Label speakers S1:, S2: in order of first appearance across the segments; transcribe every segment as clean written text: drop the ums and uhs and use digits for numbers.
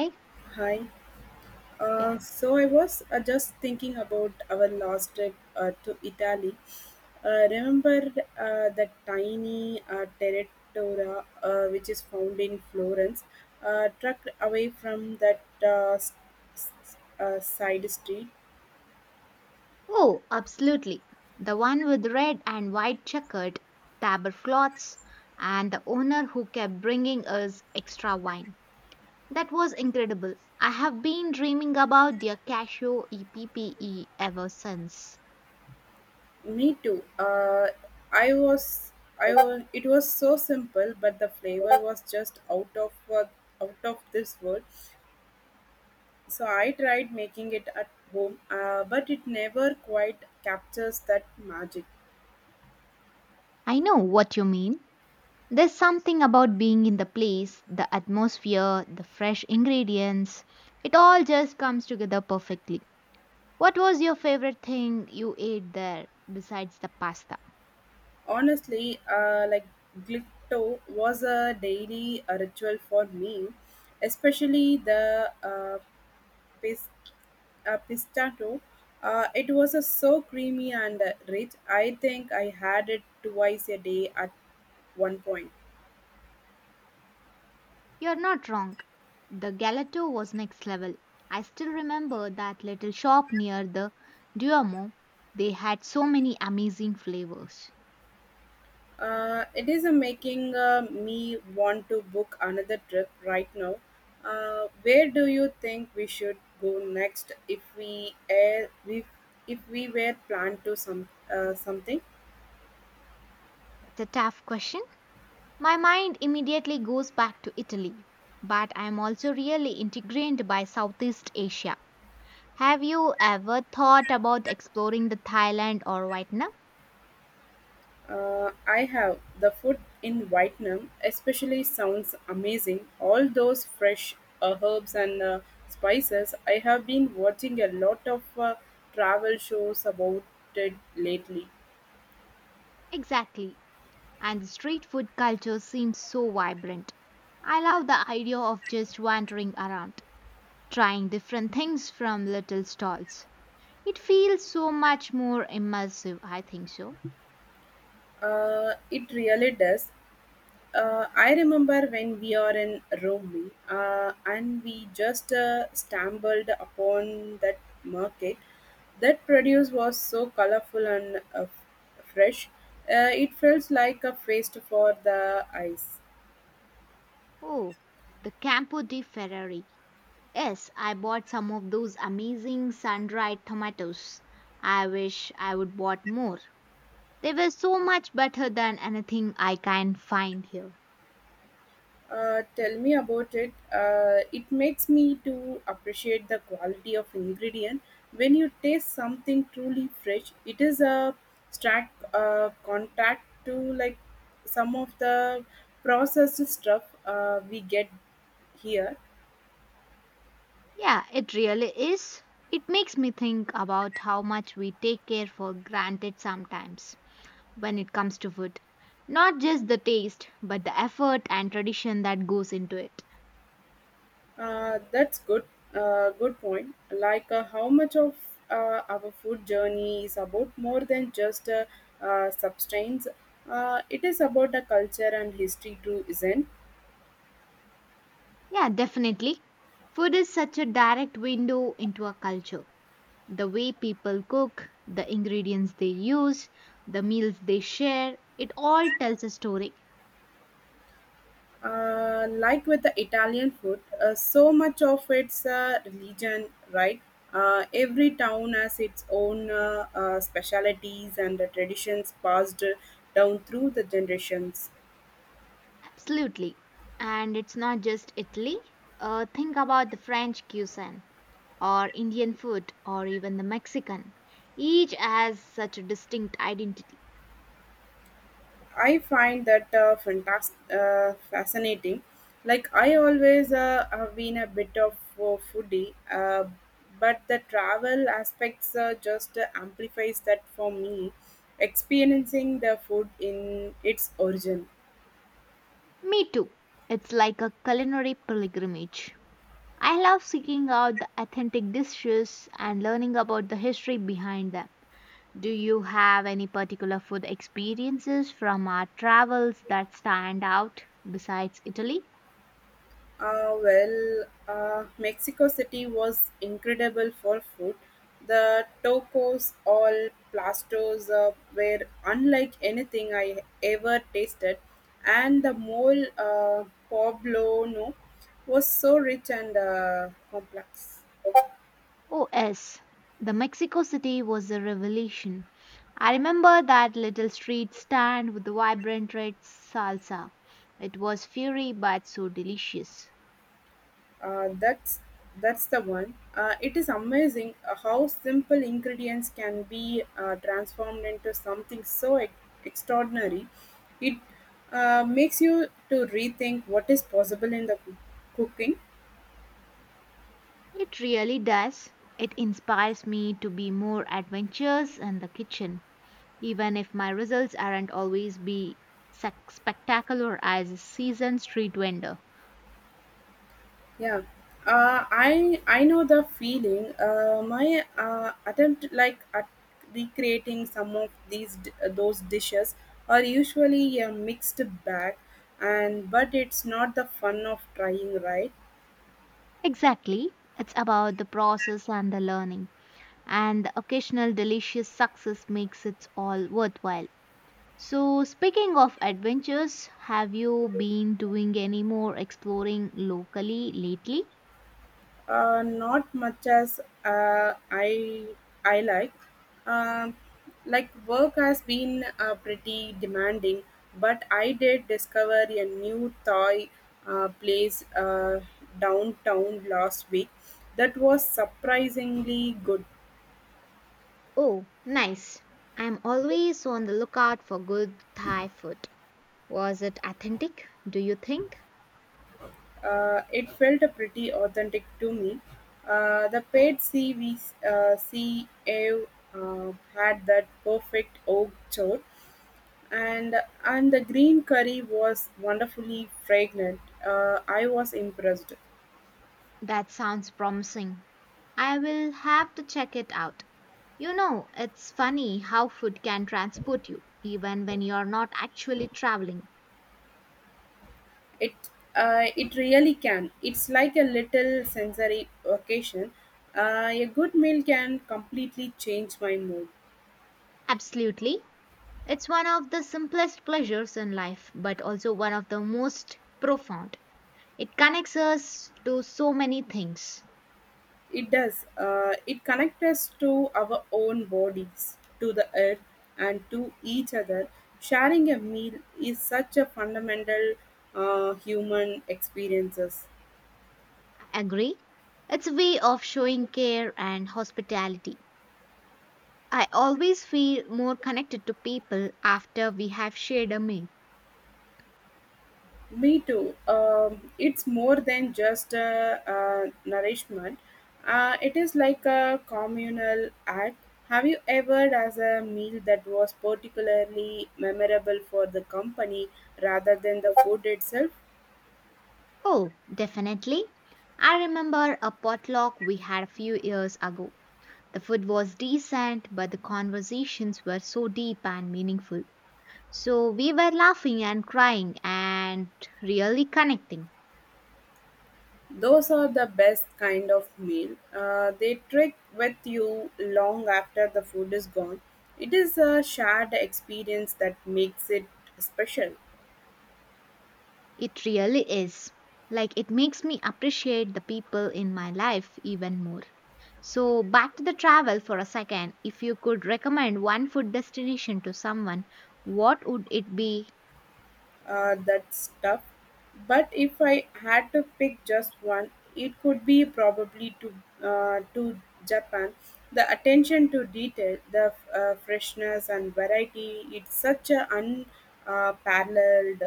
S1: Eh?
S2: Hi.
S1: Yeah.
S2: So I was just thinking about our last trip to Italy. Remember the tiny territora which is found in Florence, trucked away from that side street.
S1: Oh, absolutely. The one with red and white checkered tablecloths and the owner who kept bringing us extra wine. That was incredible. I have been dreaming about their cashew EPPE ever since.
S2: Me too. I was. It was so simple, but the flavor was just out of this world. So I tried making it at home, but it never quite captures that magic.
S1: I know what you mean. There's something about being in the place, the atmosphere, the fresh ingredients. It all just comes together perfectly. What was your favorite thing you ate there besides the pasta?
S2: Honestly, like glitto was a daily ritual for me, especially the pis- pistato. It was so creamy and rich. I think I had it twice a day at one point.
S1: You're not wrong. The Galato was next level. I still remember that little shop near the Duomo. They had so many amazing flavors.
S2: It is making me want to book another trip right now. Where do you think we should go next if we were planned to some something?
S1: That's a tough question. My mind immediately goes back to Italy, but I'm also really intrigued by Southeast Asia. Have you ever thought about exploring the Thailand or Vietnam?
S2: I have the food in Vietnam, especially sounds amazing. All those fresh herbs and spices. I have been watching a lot of travel shows about it lately.
S1: Exactly. And the street food culture seems so vibrant. I love the idea of just wandering around, trying different things from little stalls. It feels so much more immersive, I think so.
S2: It really does. I remember when we are in Rome and we just stumbled upon that market. That produce was so colorful and fresh. It felt like a feast for the eyes.
S1: Oh, the Campo di Ferrari. Yes, I bought some of those amazing sun-dried tomatoes. I wish I would bought more. They were so much better than anything I can find here.
S2: Tell me about it. It makes me to appreciate the quality of ingredient. When you taste something truly fresh, it is a stark contact to like some of the processed stuff we get here.
S1: Yeah, it really is. It makes me think about how much we take care for granted sometimes when it comes to food. Not just the taste, but the effort and tradition that goes into it.
S2: That's good. Good point. Like how much of our food journey is about more than just substance. It is about the culture and history too, isn't?
S1: Yeah, definitely. Food is such a direct window into a culture. The way people cook, the ingredients they use, the meals they share, it all tells a story.
S2: Like with the Italian food, so much of its religion, right? Every town has its own specialities and the traditions passed down through the generations.
S1: Absolutely. And it's not just Italy. Think about the French cuisine, or Indian food, or even the Mexican. Each has such a distinct identity.
S2: I find that fascinating. Like I always have been a bit of a foodie, but the travel aspects just amplifies that for me, experiencing the food in its origin.
S1: Me too. It's like a culinary pilgrimage. I love seeking out the authentic dishes and learning about the history behind them. Do you have any particular food experiences from our travels that stand out besides Italy?
S2: Well, Mexico City was incredible for food. The tacos all plastos were unlike anything I ever tasted, and the mole poblano was so rich and complex.
S1: Oh, yes. The Mexico City was a revelation. I remember that little street stand with the vibrant red salsa. It was fiery but so delicious.
S2: Uh, that's that's the one. It is amazing how simple ingredients can be transformed into something so extraordinary. It makes you to rethink what is possible in the cooking.
S1: It really does. It inspires me to be more adventurous in the kitchen, even if my results aren't always be sac- spectacular as a seasoned street vendor.
S2: Yeah, I know the feeling. My attempt like at recreating some of those dishes are usually a mixed bag, and but it's not the fun of trying, right?
S1: Exactly. It's about the process and the learning, and the occasional delicious success makes it all worthwhile. So, speaking of adventures, have you been doing any more exploring locally lately?
S2: Not much as I like. Um, like work has been pretty demanding, but I did discover a new Thai place downtown last week that was surprisingly good.
S1: Oh, nice. I'm always on the lookout for good Thai food. Was it authentic, do you think?
S2: It felt pretty authentic to me. The paid sea we sea ave, had that perfect oak chowk and and the green curry was wonderfully fragrant. I was impressed.
S1: That sounds promising. I will have to check it out. You know, it's funny how food can transport you, even when you're not actually traveling.
S2: It it really can. It's like a little sensory occasion. A good meal can completely change my mood.
S1: Absolutely. It's one of the simplest pleasures in life, but also one of the most profound. It connects us to so many things.
S2: It does. It connects us to our own bodies, to the earth, and to each other. Sharing a meal is such a fundamental human experiences.
S1: I agree. It's a way of showing care and hospitality. I always feel more connected to people after we have shared a meal.
S2: Me too. It's more than just nourishment. It is like a communal act. Have you ever as a meal that was particularly memorable for the company rather than the food itself?
S1: Oh, definitely. I remember a potluck we had a few years ago. The food was decent, but the conversations were so deep and meaningful. So we were laughing and crying and really connecting.
S2: Those are the best kind of meal. They trick with you long after the food is gone. It is a shared experience that makes it special.
S1: It really is. Like, it makes me appreciate the people in my life even more. So, back to the travel for a second. If you could recommend one food destination to someone, what would it be?
S2: That stuff. But if I had to pick just one, it could be probably to Japan. The attention to detail, the freshness and variety, it's such an unparalleled paralleled.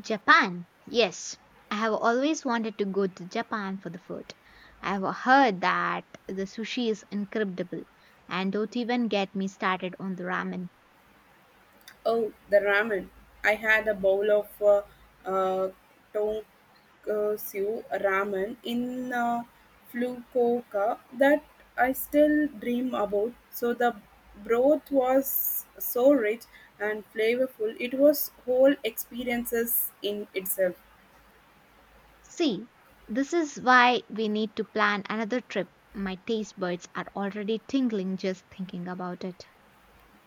S1: Japan. Yes, I have always wanted to go to Japan for the food. I have heard that the sushi is incredible, and don't even get me started on the ramen.
S2: Oh, the ramen. I had a bowl of uh, tonkatsu ramen in Fukuoka that I still dream about. So the broth was so rich and flavorful. It was whole experiences in itself.
S1: See, this is why we need to plan another trip. My taste buds are already tingling just thinking about it.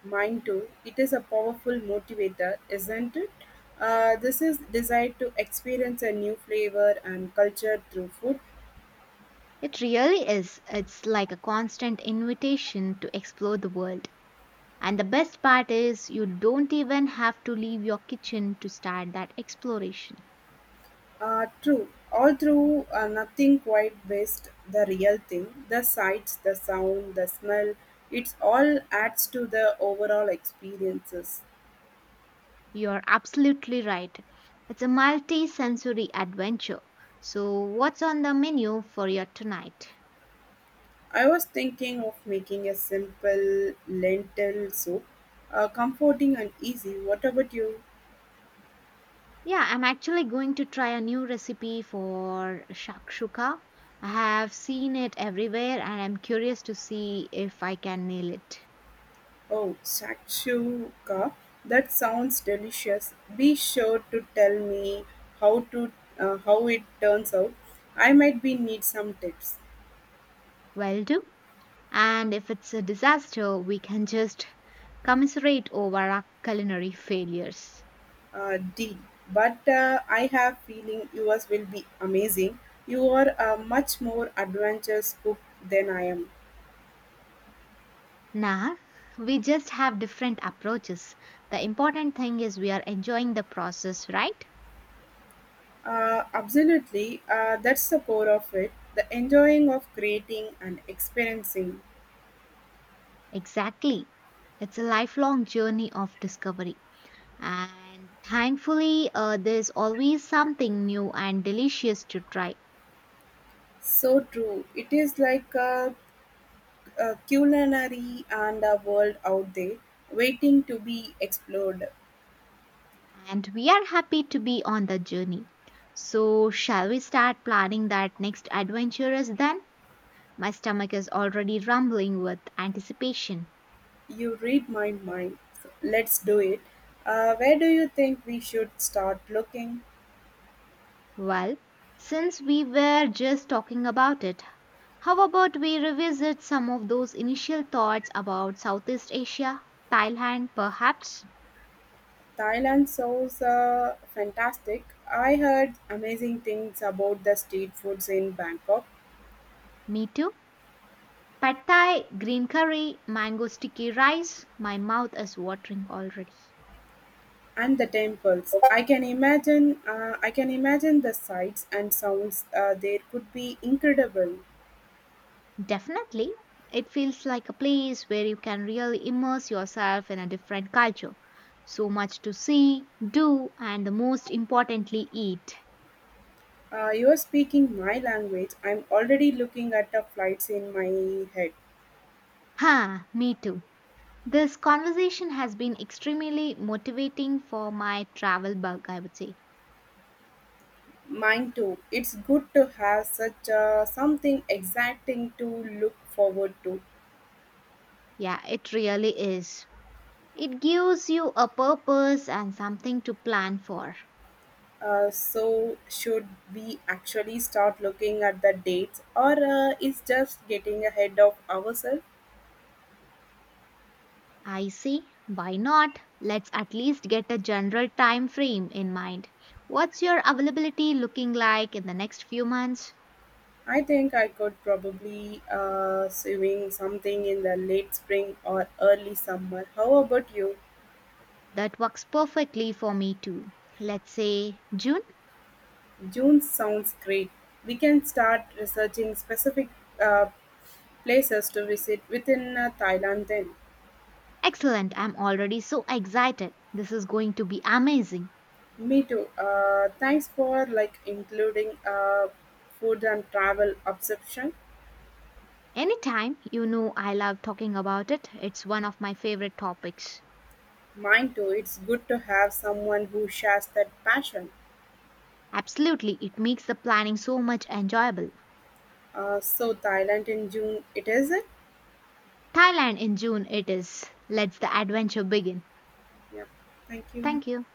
S2: Mine too. It is a powerful motivator, isn't it? This is designed to experience a new flavor and culture through food.
S1: It really is. It's like a constant invitation to explore the world. And the best part is, you don't even have to leave your kitchen to start that exploration.
S2: True. Although nothing quite best the real thing, the sights, the sound, the smell, it's all adds to the overall experiences.
S1: You're absolutely right. It's a multi sensory adventure. So, what's on the menu for your tonight?
S2: I was thinking of making a simple lentil soup, comforting and easy. What about you?
S1: Yeah, I'm actually going to try a new recipe for shakshuka. I have seen it everywhere and I'm curious to see if I can nail it.
S2: Oh, shakshuka. That sounds delicious. Be sure to tell me how to how it turns out. I might be need some tips.
S1: Well, do. And if it's a disaster, we can just commiserate over our culinary failures.
S2: D. But I have feeling yours will be amazing. You are a much more adventurous cook than I am.
S1: Nah, we just have different approaches. The important thing is we are enjoying the process, right?
S2: Absolutely, that's the core of it. The enjoying of creating and experiencing.
S1: Exactly. It's a lifelong journey of discovery. And thankfully, there's always something new and delicious to try.
S2: So true. It is like a culinary and a world out there waiting to be explored.
S1: And we are happy to be on the journey. So, shall we start planning that next adventure is then? My stomach is already rumbling with anticipation.
S2: You read my mind. So let's do it. Where do you think we should start looking?
S1: Well, since we were just talking about it, how about we revisit some of those initial thoughts about Southeast Asia, Thailand perhaps?
S2: Thailand sounds fantastic. I heard amazing things about the street foods in Bangkok
S1: Me too. Pad Thai, green curry, mango sticky rice. My mouth is watering already.
S2: and the temples. I can imagine. I can imagine the sights and sounds there could be incredible.
S1: Definitely. It feels like a place where you can really immerse yourself in a different culture. So much to see, do, and the most importantly, eat.
S2: You are speaking my language. I'm already looking at the flights in my head.
S1: Ha, me too. This conversation has been extremely motivating for my travel bug, I would say.
S2: Mine too. It's good to have such something exciting to look forward to.
S1: Yeah, it really is. It gives you a purpose and something to plan for.
S2: So should we actually start looking at the dates, or is just getting ahead of ourselves?
S1: I see. Why not? Let's at least get a general time frame in mind. What's your availability looking like in the next few months?
S2: I think I could probably swing something in the late spring or early summer. How about you?
S1: That works perfectly for me too. Let's say June?
S2: June sounds great. We can start researching specific uh, places to visit within Thailand then.
S1: Excellent. I'm already so excited. This is going to be amazing.
S2: Me too. Thanks for like including food and travel obsession.
S1: Anytime, you know I love talking about it. It's one of my favorite topics.
S2: Mine too. It's good to have someone who shares that passion.
S1: Absolutely, it makes the planning so much enjoyable.
S2: So Thailand in June, it is it?
S1: Thailand in June it is. Let's the adventure begin.
S2: Yeah. Thank you.
S1: Thank you.